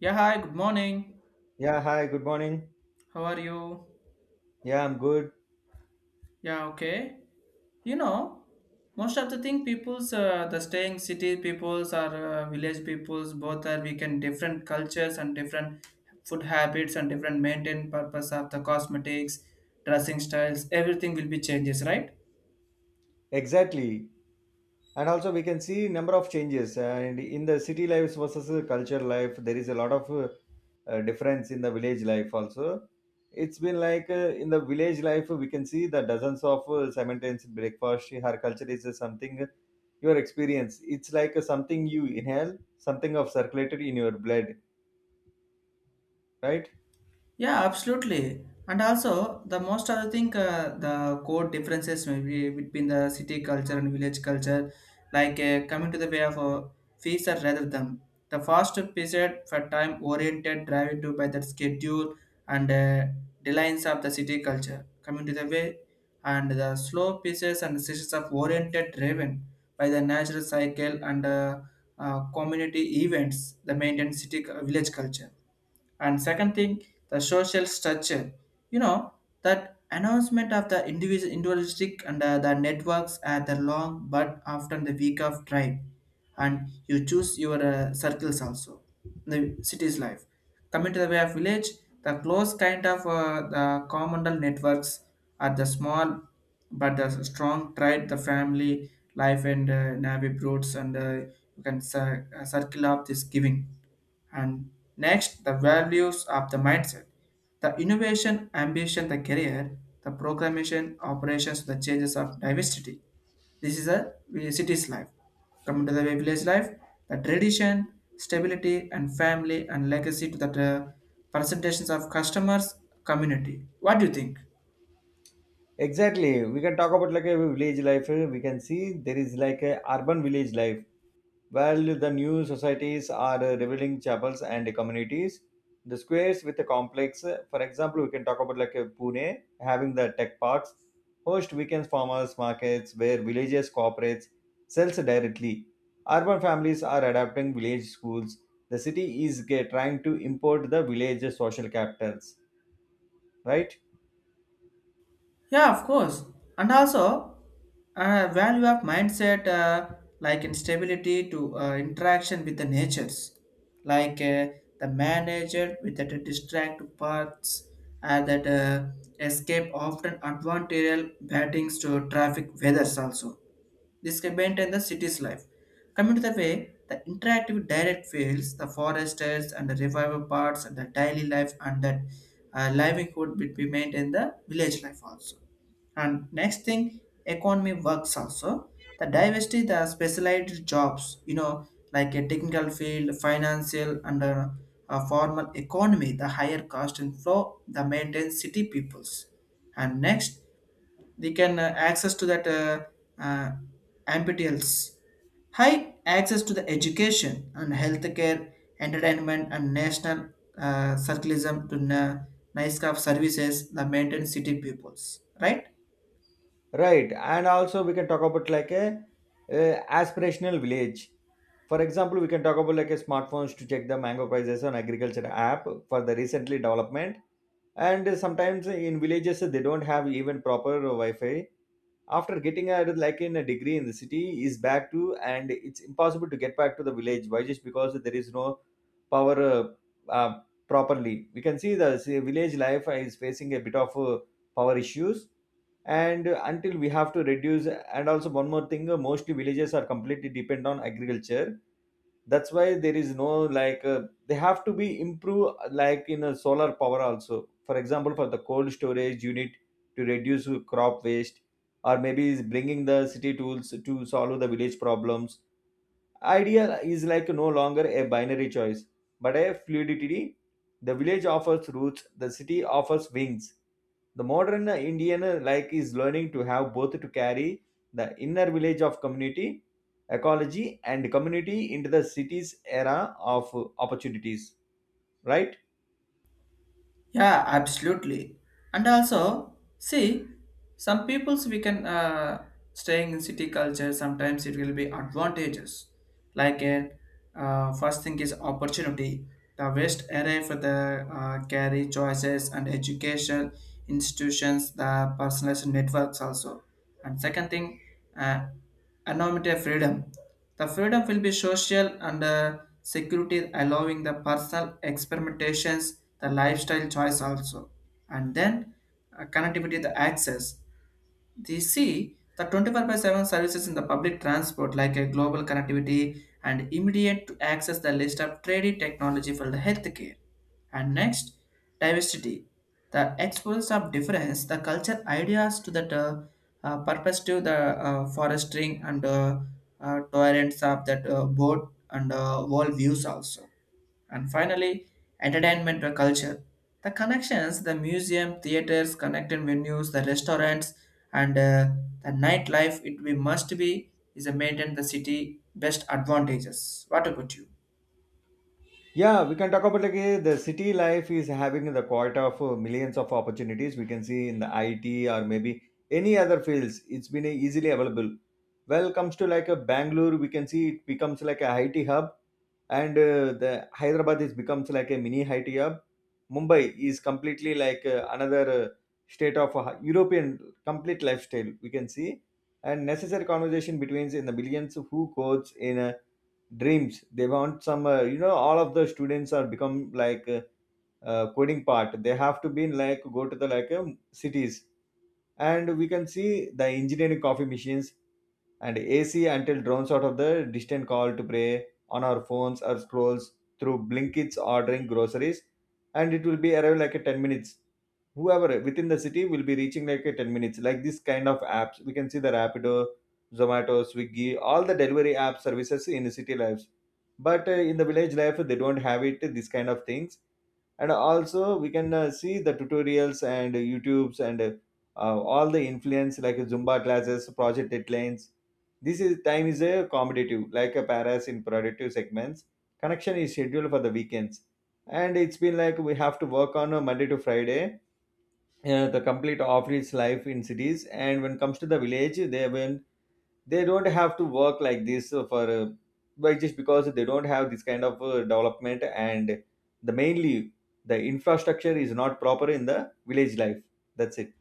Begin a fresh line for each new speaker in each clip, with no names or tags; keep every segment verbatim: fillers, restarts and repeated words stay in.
Yeah, hi, good morning.
Yeah, hi, good morning.
How are you?
Yeah, I'm good.
Yeah, okay. You know, most of the thing peoples, uh, the staying city peoples or uh, village peoples, both are we can different cultures and different food habits and different maintain purpose of the cosmetics, dressing styles, everything will be changes, right?
Exactly. And also we can see number of changes and in the city lives versus the culture life there is a lot of uh, uh, difference in the village life also. It's been like uh, in the village life we can see the dozens of uh, simultaneous breakfast. Her culture is uh, something your experience. It's like uh, something you inhale, something of circulated in your blood, right?
Yeah, absolutely. And also, the most I think uh, the core differences may be between the city culture and village culture, like uh, coming to the way of uh, fees are rather than the fast period for time oriented driven to by that schedule and uh, deadlines of the city culture coming to the way and the slow pieces and systems of oriented driven by the natural cycle and uh, uh, community events the maintained city uh, village culture and second thing, the social structure. You know, that announcement of the individual individualistic and uh, the networks at the long but often the week of drive. And you choose your uh, circles also. The city's life. Coming to the way of village, the close kind of uh, the communal networks are the small but the strong tried the family life and uh, navy roots and uh, you can cir- uh, circle up this giving and next, the values of the mindset, the innovation, ambition, the career, the programmation, operations, the changes of diversity. This is a vi- city's life. Coming to the village life, the tradition, stability, and family and legacy to the uh, presentations of customers, community. What do you think?
Exactly. We can talk about like a village life. eh, We can see there is like a urban village life. While the new societies are uh, revealing chapels and communities, the squares with a complex. eh, For example, we can talk about like a Pune having the tech parks, host weekends farmers markets where villages cooperates sells directly. Urban families are adapting village schools. The city is eh, trying to import the village social capitals, right?
Yeah, of course. And also, uh, value of mindset, uh, like instability to uh, interaction with the natures, like uh, the manager with the distract parts, uh, that uh, escape often advantageous battings to traffic weathers also. This can maintain the city's life. Coming to the way, the interactive direct fields, the foresters and the revival parts and the daily life and that uh, livelihood will be maintained the village life also. And next thing, economy works also. The diversity, the specialized jobs, you know, like a technical field, financial, and a, a formal economy, the higher cost and flow, the maintain city peoples. And next, they can uh, access to that uh, uh, M P T Ls. High access to the education and healthcare, entertainment and national uh, circularism to na- nice kind of services that maintain city peoples, right?
Right, and also we can talk about like a, a aspirational village. For example, we can talk about like a smartphones to check the mango prices on agriculture app for the recently development. And sometimes in villages they don't have even proper Wi-Fi. After getting a like in a degree in the city is back to and it's impossible to get back to the village. Why? Just because there is no power uh, uh, properly. We can see the say, village life is facing a bit of uh, power issues and until we have to reduce and also one more thing uh, mostly villages are completely depend on agriculture. That's why there is no like uh, they have to be improved like in a solar power also, for example for the cold storage unit to reduce crop waste, or maybe is bringing the city tools to solve the village problems. Idea is like no longer a binary choice, but a fluidity. The village offers roots, the city offers wings. The modern Indian like is learning to have both, to carry the inner village of community, ecology, and community into the city's era of opportunities, right?
Yeah, absolutely. And also, see, some peoples we can uh, staying in city culture. Sometimes it will be advantages. Like a uh, first thing is opportunity. The waste array for the uh, carry choices and education institutions, the personalized networks also. And second thing, uh, anonymity freedom. The freedom will be social and uh, security, allowing the personal experimentations, the lifestyle choice also, and then uh, connectivity, the access. They see the twenty-four by seven services in the public transport like a global connectivity and immediate to access the list of trading technology for the healthcare. And next, diversity. The exports of difference, the culture ideas to that uh, uh, purpose to the uh, forestering and uh, uh, tolerance of that uh, boat and uh, world views also. And finally, entertainment or culture. The connections, the museum, theaters, connected venues, the restaurants, and uh, the nightlife, it we must be is a maintain the city best advantages. What about you?
Yeah, we can talk about like eh, the city life is having the quota of uh, millions of opportunities we can see in the I T or maybe any other fields. It's been eh, easily available. Well, comes to like a Bangalore, we can see it becomes like a I T hub, and uh, the Hyderabad is becomes like a mini I T hub. Mumbai is completely like uh, another uh, state of uh, European complete lifestyle we can see, and necessary conversation between in the millions who codes in a dreams they want some uh, you know all of the students are become like uh, uh, coding part they have to be in like go to the like um, cities and we can see the engineering coffee machines and A C until drowns out of the distant call to pray on our phones or scrolls through Blinkits ordering groceries, and it will be arrive like a ten minutes. Whoever within the city will be reaching like a ten minutes. Like this kind of apps, we can see the Rapido, Zomato, Swiggy, all the delivery app services in the city lives. But uh, in the village life, they don't have it. This kind of things, and also we can uh, see the tutorials and youtubes and uh, all the influence like zumba classes, project deadlines. This is time is a competitive like a paras in productive segments. Connection is scheduled for the weekends, and it's been like we have to work on a Monday to Friday, uh, the complete office life in cities. And when it comes to the village they when they don't have to work like this uh, for uh, like just because they don't have this kind of uh, development, and the mainly the infrastructure is not proper in the village life. That's it.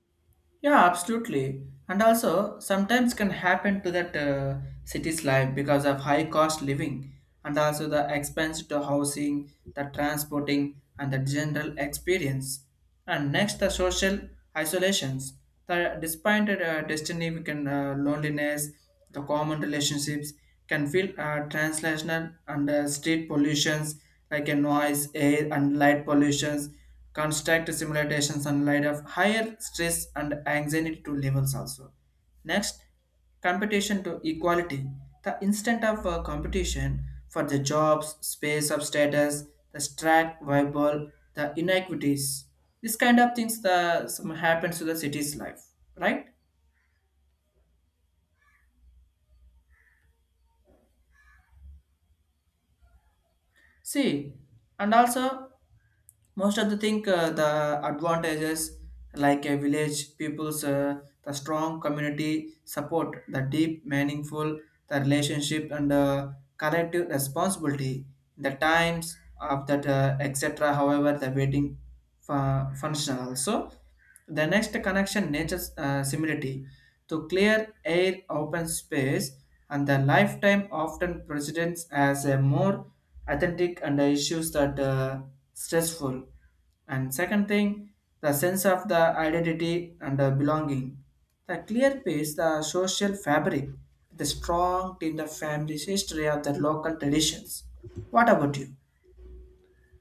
Yeah, absolutely. And also, sometimes can happen to that uh, city's life because of high cost living and also the expense to housing, the transporting, and the general experience. And next, the social isolations. The despite uh, destiny, we can uh, loneliness, the common relationships can feel uh, translational and uh, street pollutions like a noise, air, and light pollutions construct simulations and light of higher stress and anxiety to levels also. Next, competition to equality. The instant of uh, competition for the jobs, space of status, the strike, viable, the inequities. This kind of things the some happens to the city's life, right? See, and also most of the thing uh, the advantages like a village people's uh, the strong community support the deep meaningful the relationship and uh, collective responsibility in the times of that uh, etc however the waiting fu- functional also the next connection nature's uh, similarity to clear air open space and the lifetime often presents as a more authentic and the issues that uh, stressful. And second thing, the sense of the identity and the belonging. The clear piece, the social fabric, the strong in the family's history of the local traditions. What about you?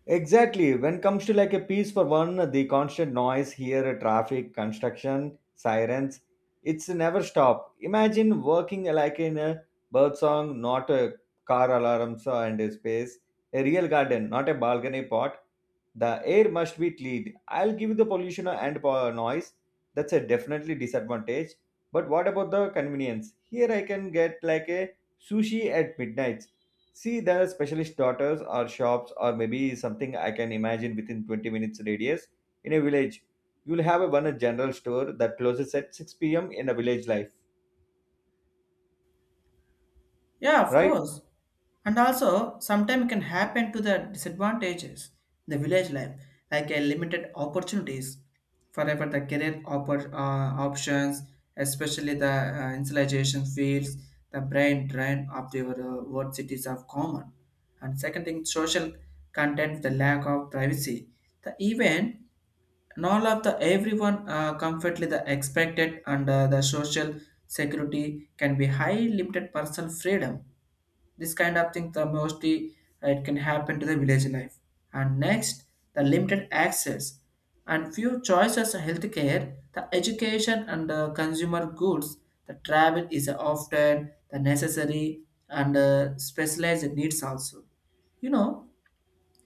Exactly. When it comes to like a piece for one, the constant noise here, traffic, construction, sirens, it's never stop. Imagine working like in a bird song, not a car alarms and a space, a real garden, not a balcony pot. The air must be clean. I'll give you the pollution and po- noise. That's a definitely disadvantage. But what about the convenience? Here I can get like a sushi at midnight. See, the specialist daughters or shops or maybe something I can imagine within twenty minutes radius in a village. You'll have a one general store that closes at six p m in a village life,
Yeah, of
right?
course. And also sometimes can happen to the disadvantages in the village life like a limited opportunities forever the career oppor- uh, options especially the uh, insulation fields the brain drain of the uh, word cities of common and second thing social content the lack of privacy the event not all of the everyone uh, comfortably the expected and uh, the social security can be high limited personal freedom this kind of thing, the mostly uh, it can happen to the village life. And next, the limited access and few choices of healthcare, the education and uh, consumer goods, the travel is often the necessary and uh, specialized needs also. You know,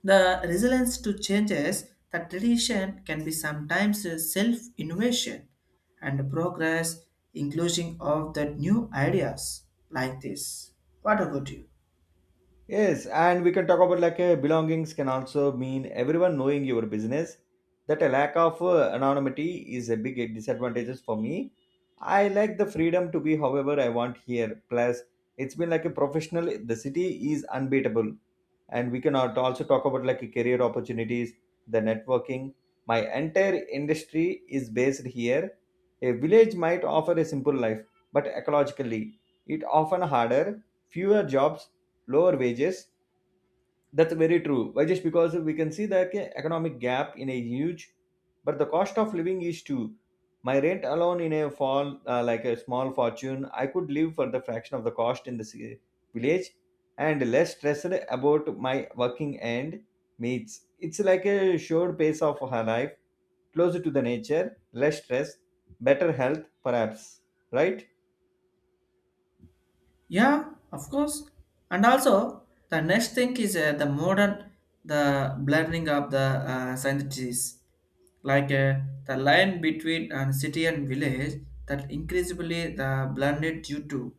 the resilience to changes, the tradition can be sometimes self innovation and progress, inclusion of the new ideas like this. What about you?
Yes, and we can talk about like uh, belongings can also mean everyone knowing your business. That a lack of uh, anonymity is a big disadvantages for me. I like the freedom to be however I want here. Plus, it's been like a professional. The city is unbeatable. And we can al- also talk about like career opportunities, the networking. My entire industry is based here. A village might offer a simple life, but ecologically it often harder, fewer jobs, lower wages. That's very true. Why just because we can see the ca- economic gap in a huge, but the cost of living is too. My rent alone in a fall uh, like a small fortune, I could live for the fraction of the cost in the ci- village, and less stressed about my working and meets. It's like a short pace of her life, closer to the nature, less stress, better health, perhaps. Right?
Yeah, of course. And also, the next thing is uh, the modern, the blurring of the uh, syntheses, like uh, the line between uh, city and village that increasingly the blended due to.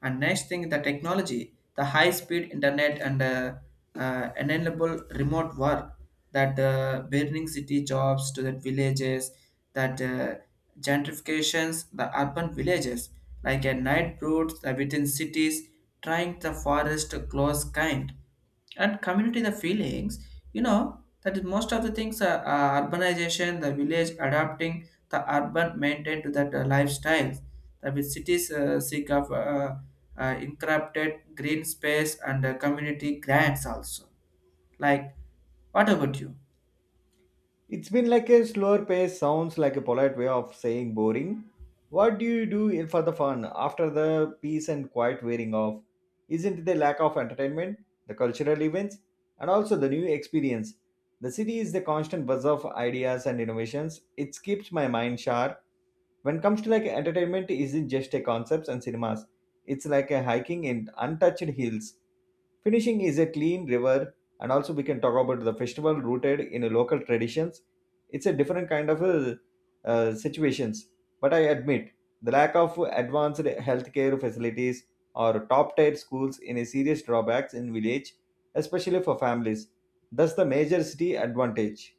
And next thing, the technology, the high-speed internet and uh, uh, enable remote work that uh, burning city jobs to the villages that uh, gentrifications the urban villages like a night broods the within cities trying the forest to close kind and community the feelings, you know, that is most of the things are, are urbanization the village adapting the urban maintain to that uh, lifestyles. The with cities uh, seek of uh, uh, encrypted green space and uh, community grants also like what about you.
It's been like a slower pace, sounds like a polite way of saying boring. What do you do in- for the fun after the peace and quiet wearing off? Isn't the lack of entertainment, the cultural events, and also the new experience? The city is the constant buzz of ideas and innovations. It keeps my mind sharp. When it comes to like entertainment, isn't just a concepts and cinemas. It's like a hiking in untouched hills. Finishing is a clean river, and also we can talk about the festival rooted in local traditions. It's a different kind of uh, uh, situations, but I admit the lack of advanced healthcare facilities or top-tier schools in a serious drawbacks in village, especially for families. That's the major city advantage.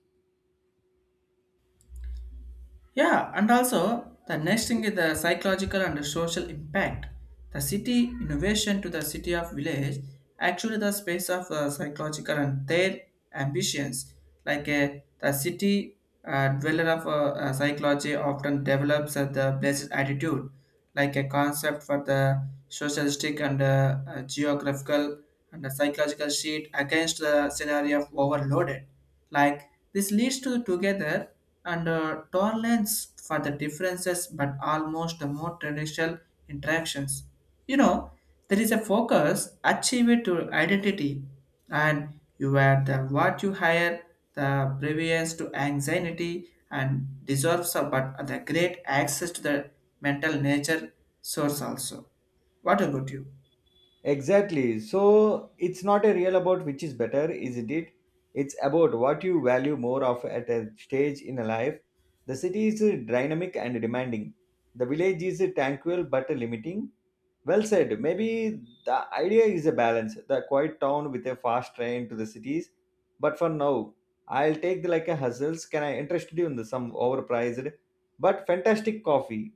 Yeah, and also the next thing is the psychological and social impact. The city innovation to the city of village actually the space of uh, psychological and their ambitions. Like uh, the city uh, dweller of uh, uh, psychology often develops uh, the blessed attitude, like a concept for the socialistic and uh, uh, geographical and the psychological sheet against the scenario of overloaded. Like this leads to together and uh, tolerance for the differences, but almost the more traditional interactions. You know, there is a focus achieved to identity, and you are the what you hire, the previous to anxiety and deserves, of- but the great access to the mental nature source also. What about you?
Exactly. So it's not a real about which is better, isn't it? It's about what you value more of at a stage in a life. The city is uh, dynamic and demanding. The village is uh, tranquil but limiting. Well said. Maybe the idea is a balance. The quiet town with a fast train to the cities. But for now, I'll take the, like a hustles. Can I interest you in the, some overpriced but fantastic coffee?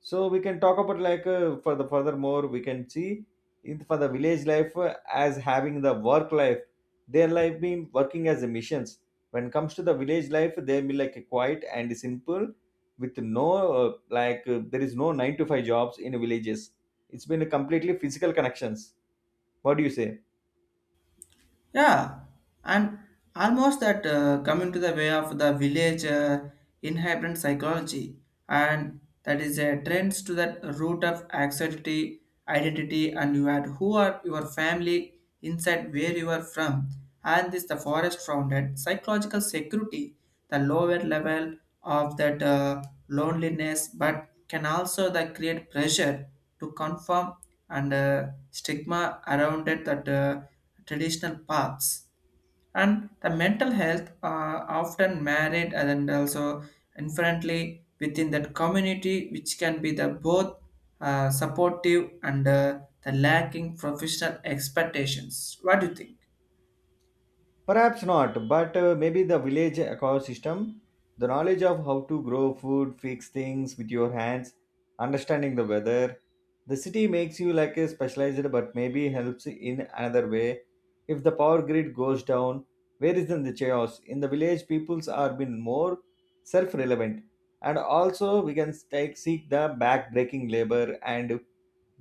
So we can talk about like uh, for the furthermore we can see in for the village life uh, as having the work life their life being working as a missions. When comes to the village life, they be like a quiet and simple with no uh, like uh, there is no nine to five jobs in villages. It's been a completely physical connections. What do you say?
Yeah, and almost that uh, coming to the way of the village uh, inherent psychology, and that is a trends to that root of anxiety, identity, and you had who are your family inside where you are from, and this the forest founded psychological security, the lower level of that uh, loneliness, but can also that create pressure to conform and uh, stigma around it that. Uh, traditional paths. And the mental health are often married and also inherently within that community, which can be the both uh, supportive and uh, the lacking professional expectations. What do you think?
Perhaps not, but uh, maybe the village ecosystem, the knowledge of how to grow food, fix things with your hands, understanding the weather. The city makes you like a specialized, but maybe helps in another way. If the power grid goes down, where is then the chaos? In the village, peoples are been more self-relevant, and also we can take, seek the back-breaking labor and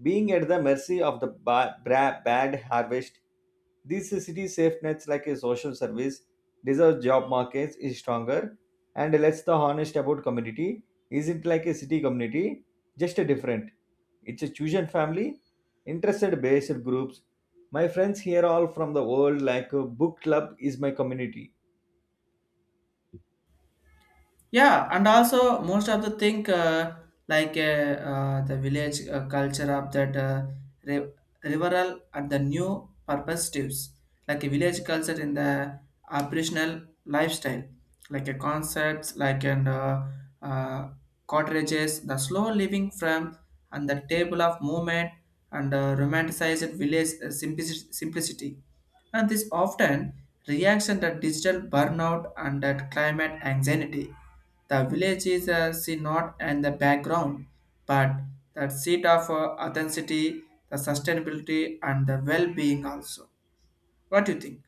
being at the mercy of the ba- bra- bad harvest. These city safe nets, like a social service, deserve job markets is stronger and lets the honest about community isn't like a city community, just a different. It's a chosen family, interested based groups. My friends here all from the world, like a book club is my community.
Yeah, and also most of the thing uh, like uh, uh, the village uh, culture of that uh, re- reveral and the new perspectives, like a village culture in the operational lifestyle, like a concepts like and uh, uh, cottages, the slow living from and the table of movement and uh, romanticized village uh, simplici- simplicity and this often reaction to digital burnout and that climate anxiety. The village is a see not and the background, but that seat of uh, authenticity, the sustainability, and the well-being also. What do you think?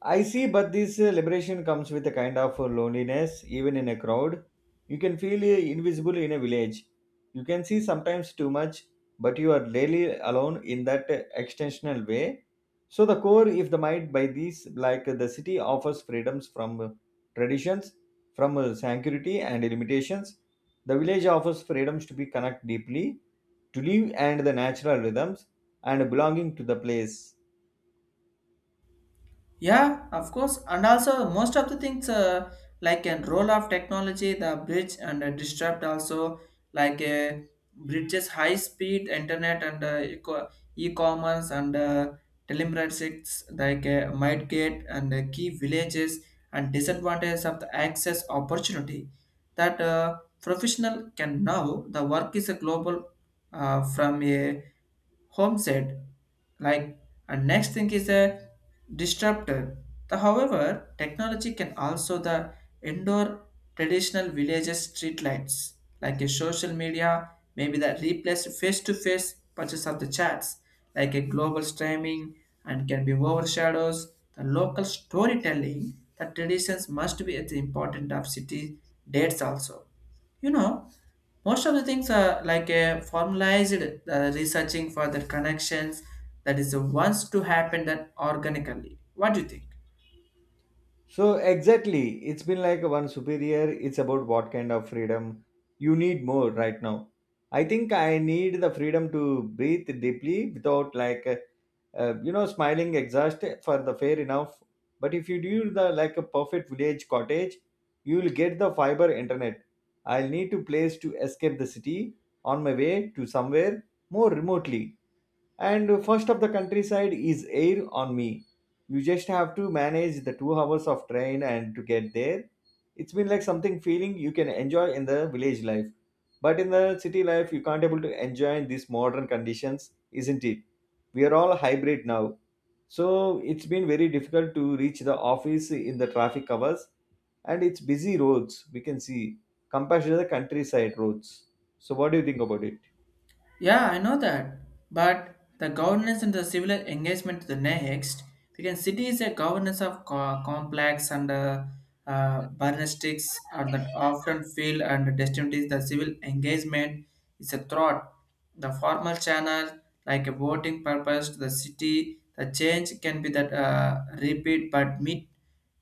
I see, but this uh, liberation comes with a kind of uh, loneliness, even in a crowd. You can feel uh, invisible in a village. You can see sometimes too much, but you are rarely alone in that uh, extensional way. So, the core, if the mind by these, like uh, the city offers freedoms from uh, traditions, from uh, sanctuity and limitations, the village offers freedoms to be connect deeply, to live and the natural rhythms, and belonging to the place.
Yeah, of course. And also, most of the things uh, like a role of technology, the bridge and uh, disrupt also like uh, bridges high speed internet and uh, eco- e-commerce and uh, telemedicines like uh, might get and uh, key villages and disadvantages of the access opportunity that uh, professional can now the work is a global uh, from a homestead like and next thing is a disruptor the however technology can also the indoor traditional villages streetlights like a social media maybe that replace face-to-face purchase of the chats like a global streaming and can be overshadows the local storytelling the traditions must be at the important of city dates also, you know, most of the things are like a formalized uh, researching for the connections that is the ones to happen that organically. What do you think?
So exactly, it's been like one superior. It's about what kind of freedom you need more right now. I think I need the freedom to breathe deeply without like uh, uh, you know smiling exhaust for the fair enough. But if you do the like a perfect village cottage, you will get the fiber internet. I'll need to place to escape the city on my way to somewhere more remotely, and first of the countryside is air on me. You just have to manage the two hours of train and to get there. It's been like something feeling you can enjoy in the village life, but in the city life you can't able to enjoy in these modern conditions, isn't it? We are all hybrid now, so it's been very difficult to reach the office in the traffic hours, and it's busy roads we can see compared to the countryside roads. So what do you think about it?
Yeah, I know that. But the governance and the civil engagement to the next, because city is a governance of co- complex and uh, uh, burnestics are that often feel and destined is the civil engagement is a threat. The formal channel, like a voting purpose to the city, the change can be that uh, repeat but meet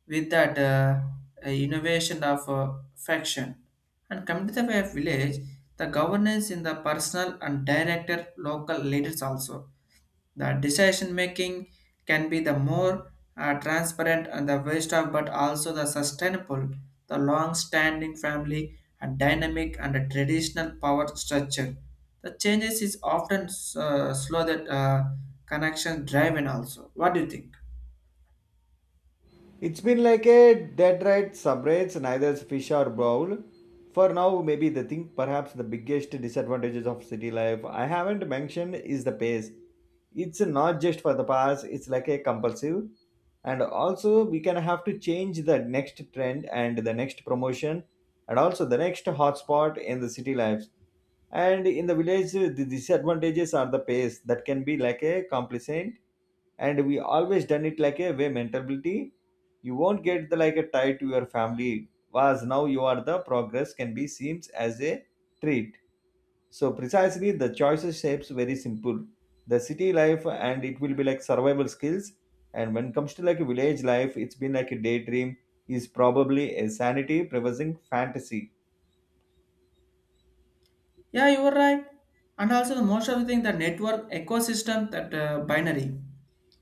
with that uh, uh, innovation of uh, faction. And coming to the way of village, the governance in the personal and director local leaders also. The decision making can be the more uh, transparent and the waste of but also the sustainable, the long standing family and dynamic and a traditional power structure. The changes is often uh, slow that uh, connection driven also. What do you think?
It's been like a dead right separates neither fish or bowl. For now, maybe the thing, perhaps the biggest disadvantages of city life I haven't mentioned is the pace. It's not just for the past, it's like a compulsive. And also, we can have to change the next trend and the next promotion and also the next hotspot in the city lives. And in the village, the disadvantages are the pace that can be like a complacent, and we always done it like a way mentality. You won't get the like a tie to your family was now you are the progress can be seems as a treat. So precisely the choices shapes very simple. The city life and it will be like survival skills, and when it comes to like a village life, it's been like a daydream, is probably a sanity preserving fantasy.
Yeah, you were right. And also the most of the thing, the network ecosystem, that uh, binary,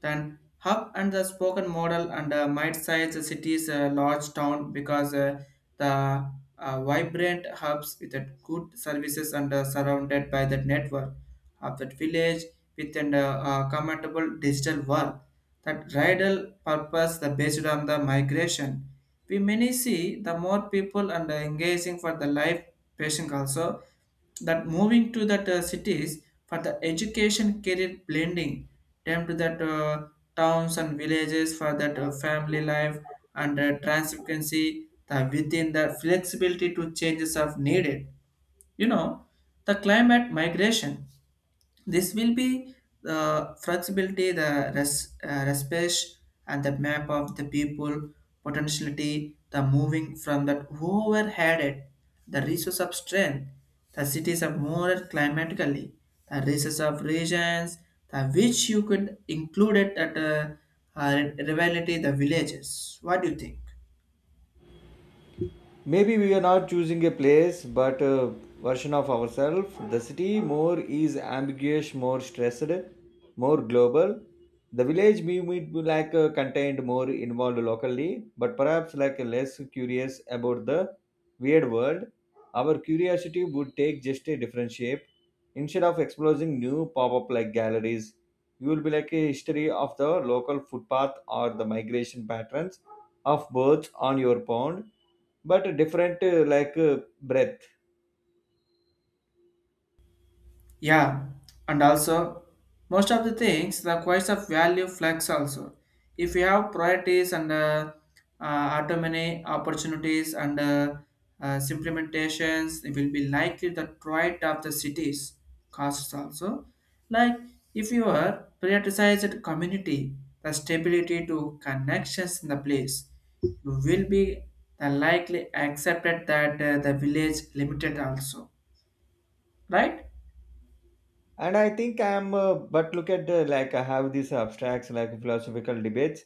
then hub and the spoken model and uh, might size the city's uh, large town because uh, the uh, vibrant hubs with that good services and uh, surrounded by that network of that village with an uh, uh, commendable digital world that rival purpose the based on the migration. We many see the more people and uh, engaging for the life patient also that moving to that uh, cities for the education career blending them to that uh, towns and villages for that uh, family life and uh, transparency the within the flexibility to changes of needed, you know the climate migration this will be the flexibility, the res, uh, respect, and the map of the people, potentiality, the moving from that overheaded, the resource of strength, the cities are more climatically, the resource of regions, the which you could include it at a, uh, uh, rivalry, the villages. What do you think?
Maybe we are not choosing a place, but a version of ourselves. The city more is ambiguous, more stressed, more global. The village we meet be like uh, contained, more involved locally, but perhaps like less curious about the weird world. Our curiosity would take just a different shape. Instead of exploring new pop-up like galleries, you will be like a history of the local footpath or the migration patterns of birds on your pond, but different uh, like uh, breadth.
Yeah, and also most of the things the quest of value flex also. If you have priorities and uh, uh, autonomy opportunities and uh, uh, implementations, it will be likely the right of the cities costs also. Like if you are prioritized community, the stability to connections in the place, you will be the likely accepted that uh, the village limited also, right?
And I think I am uh, but look at uh, like I have these abstracts like philosophical debates.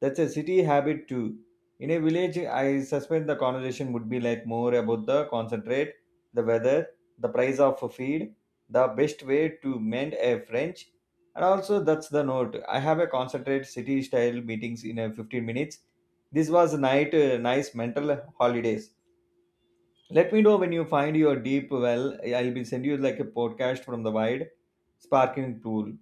That's a city habit too. In a village, I suspect the conversation would be like more about the concentrate, the weather, the price of a feed, the best way to mend a french. And also, that's the note I have a concentrate city style meetings in a fifteen minutes. This was night, uh, nice mental holidays. Let me know when you find your deep well. I'll be send you like a podcast from the wide sparkling pool.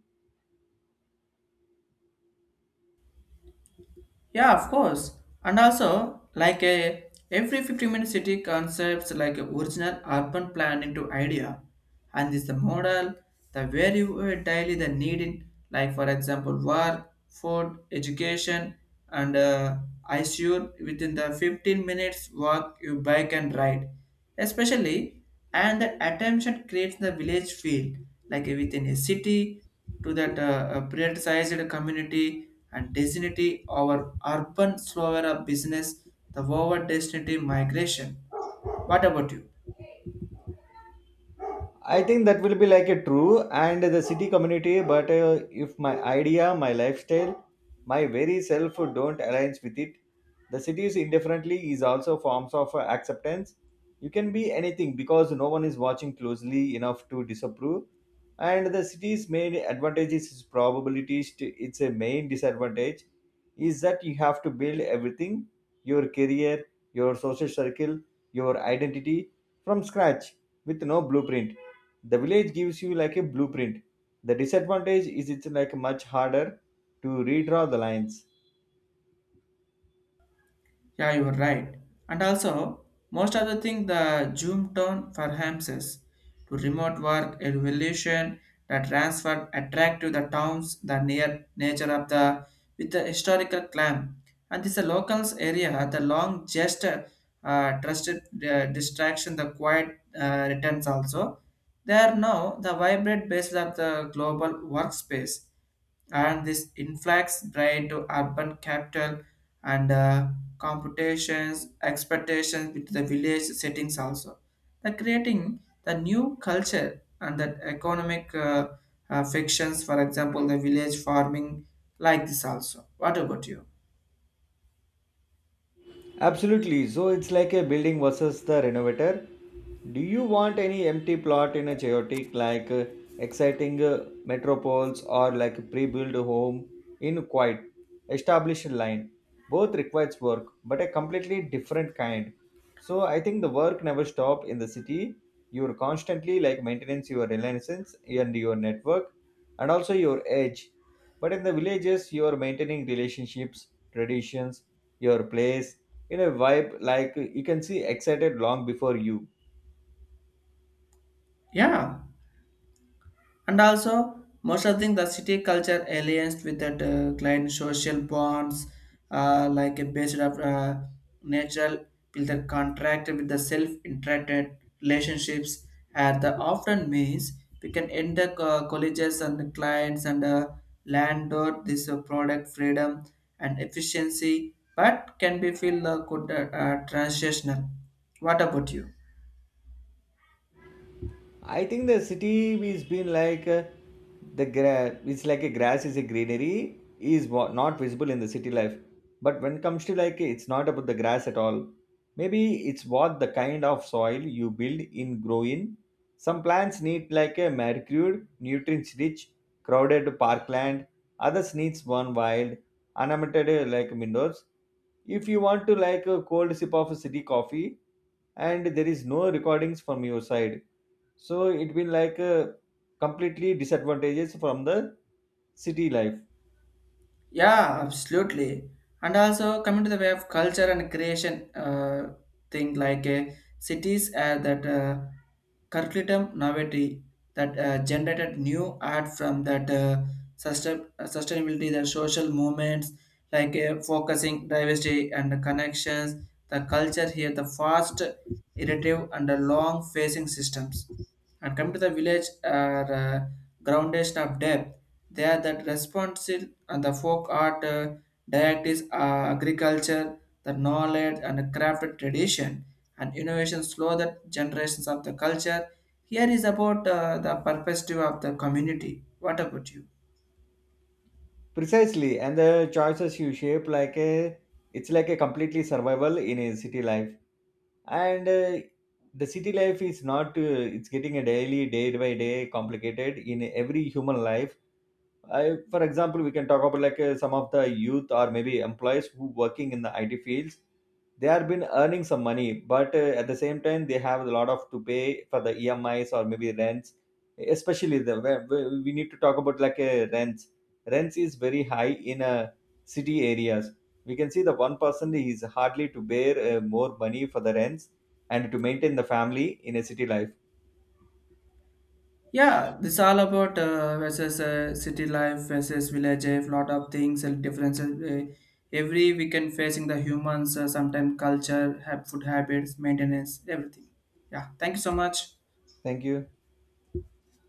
Yeah, of course. And also, like a every fifteen minute city concepts like a original urban plan into idea. And this the model, the very uh, daily the need in like for example work, food, education, and uh, I sure within the fifteen minutes walk you bike and ride especially and that attention creates the village feel like within a city to that uh, uh, prioritized community and destiny over urban slower business the forward destiny migration. What about you?
I think that will be like a true and the city community, but uh, if my idea, my lifestyle, my very self don't aligns with it, the city's indifferently is also forms of uh, acceptance. You can be anything because no one is watching closely enough to disapprove, and the city's main advantage is probabilities. To, its a main disadvantage is that you have to build everything, your career, your social circle, your identity from scratch with no blueprint. The village gives you like a blueprint. The disadvantage is it's like much harder to redraw the lines.
Yeah, you are right. And also, most of the thing the Zoom tone for Hamses to remote work evolution that transfer attract to the towns the near nature of the with the historical climb. And this locals area the long gesture uh, trusted uh, distraction, the quiet uh, returns also. They are now the vibrant basis of the global workspace, and this influx brain to urban capital and uh, computations, expectations with the village settings also. The creating the new culture and the economic uh, uh, fictions, for example, the village farming like this also. What about you?
Absolutely. So it's like a building versus the renovator. Do you want any empty plot in a chaotic, like uh, exciting uh, metropoles, or like pre-built home in quiet, established line? Both requires work, but a completely different kind. So I think the work never stop in the city. You're constantly like maintenance your renaissance and your network and also your edge. But in the villages, you are maintaining relationships, traditions, your place in a vibe like you can see excited long before you.
Yeah. And also, most of the thing, the city culture alliance with that uh, client social bonds, uh, like a based of uh, natural builder contract with the self-interacted relationships, and the often means we can end the co- colleges and the clients and the landlord this uh, product freedom and efficiency, but can be feel uh, good uh, uh, transitional. What about you?
I think the city is been like uh, the gra- it's like a grass is a greenery is what not visible in the city life. But when it comes to like it's not about the grass at all. Maybe it's what the kind of soil you build in grow in. Some plants need like a manicured, nutrients rich, crowded parkland. Others needs one wild, unabated uh, like windows. If you want to like a cold sip of a city coffee, and there is no recordings from your side, so it been like uh, completely disadvantages from the city life.
Yeah, absolutely. And also coming to the way of culture and creation uh, thing like uh, cities uh, that uh, curriculum novelty that uh, generated new art from that uh, sustain- uh, sustainability, the social movements like uh, focusing diversity and the connections, the culture here, the fast, iterative and the long facing systems. And coming to the village are uh, groundation of depth. They are that responsive and the folk art uh, directives uh, agriculture the knowledge and crafted tradition and innovation slow the generations of the culture here is about uh, the perspective of the community. What about you?
Precisely, and the choices you shape like a, it's like a completely survival in a city life. And uh, the city life is not uh, it's getting a daily day by day complicated in every human life. I, for example, we can talk about like uh, some of the youth or maybe employees who working in the I T fields. They have been earning some money, but uh, at the same time, they have a lot of to pay for the E M Is or maybe rents. Especially the where- where we need to talk about like uh, rents. Rents is very high in uh, city areas. We can see the one person is hardly to bear uh, more money for the rents and to maintain the family in a city life.
Yeah, this all about uh, versus uh, city life versus village life lot of things and differences, uh, every we can facing the humans, uh, sometimes culture have food habits maintenance everything. Yeah, thank you so much.
Thank you.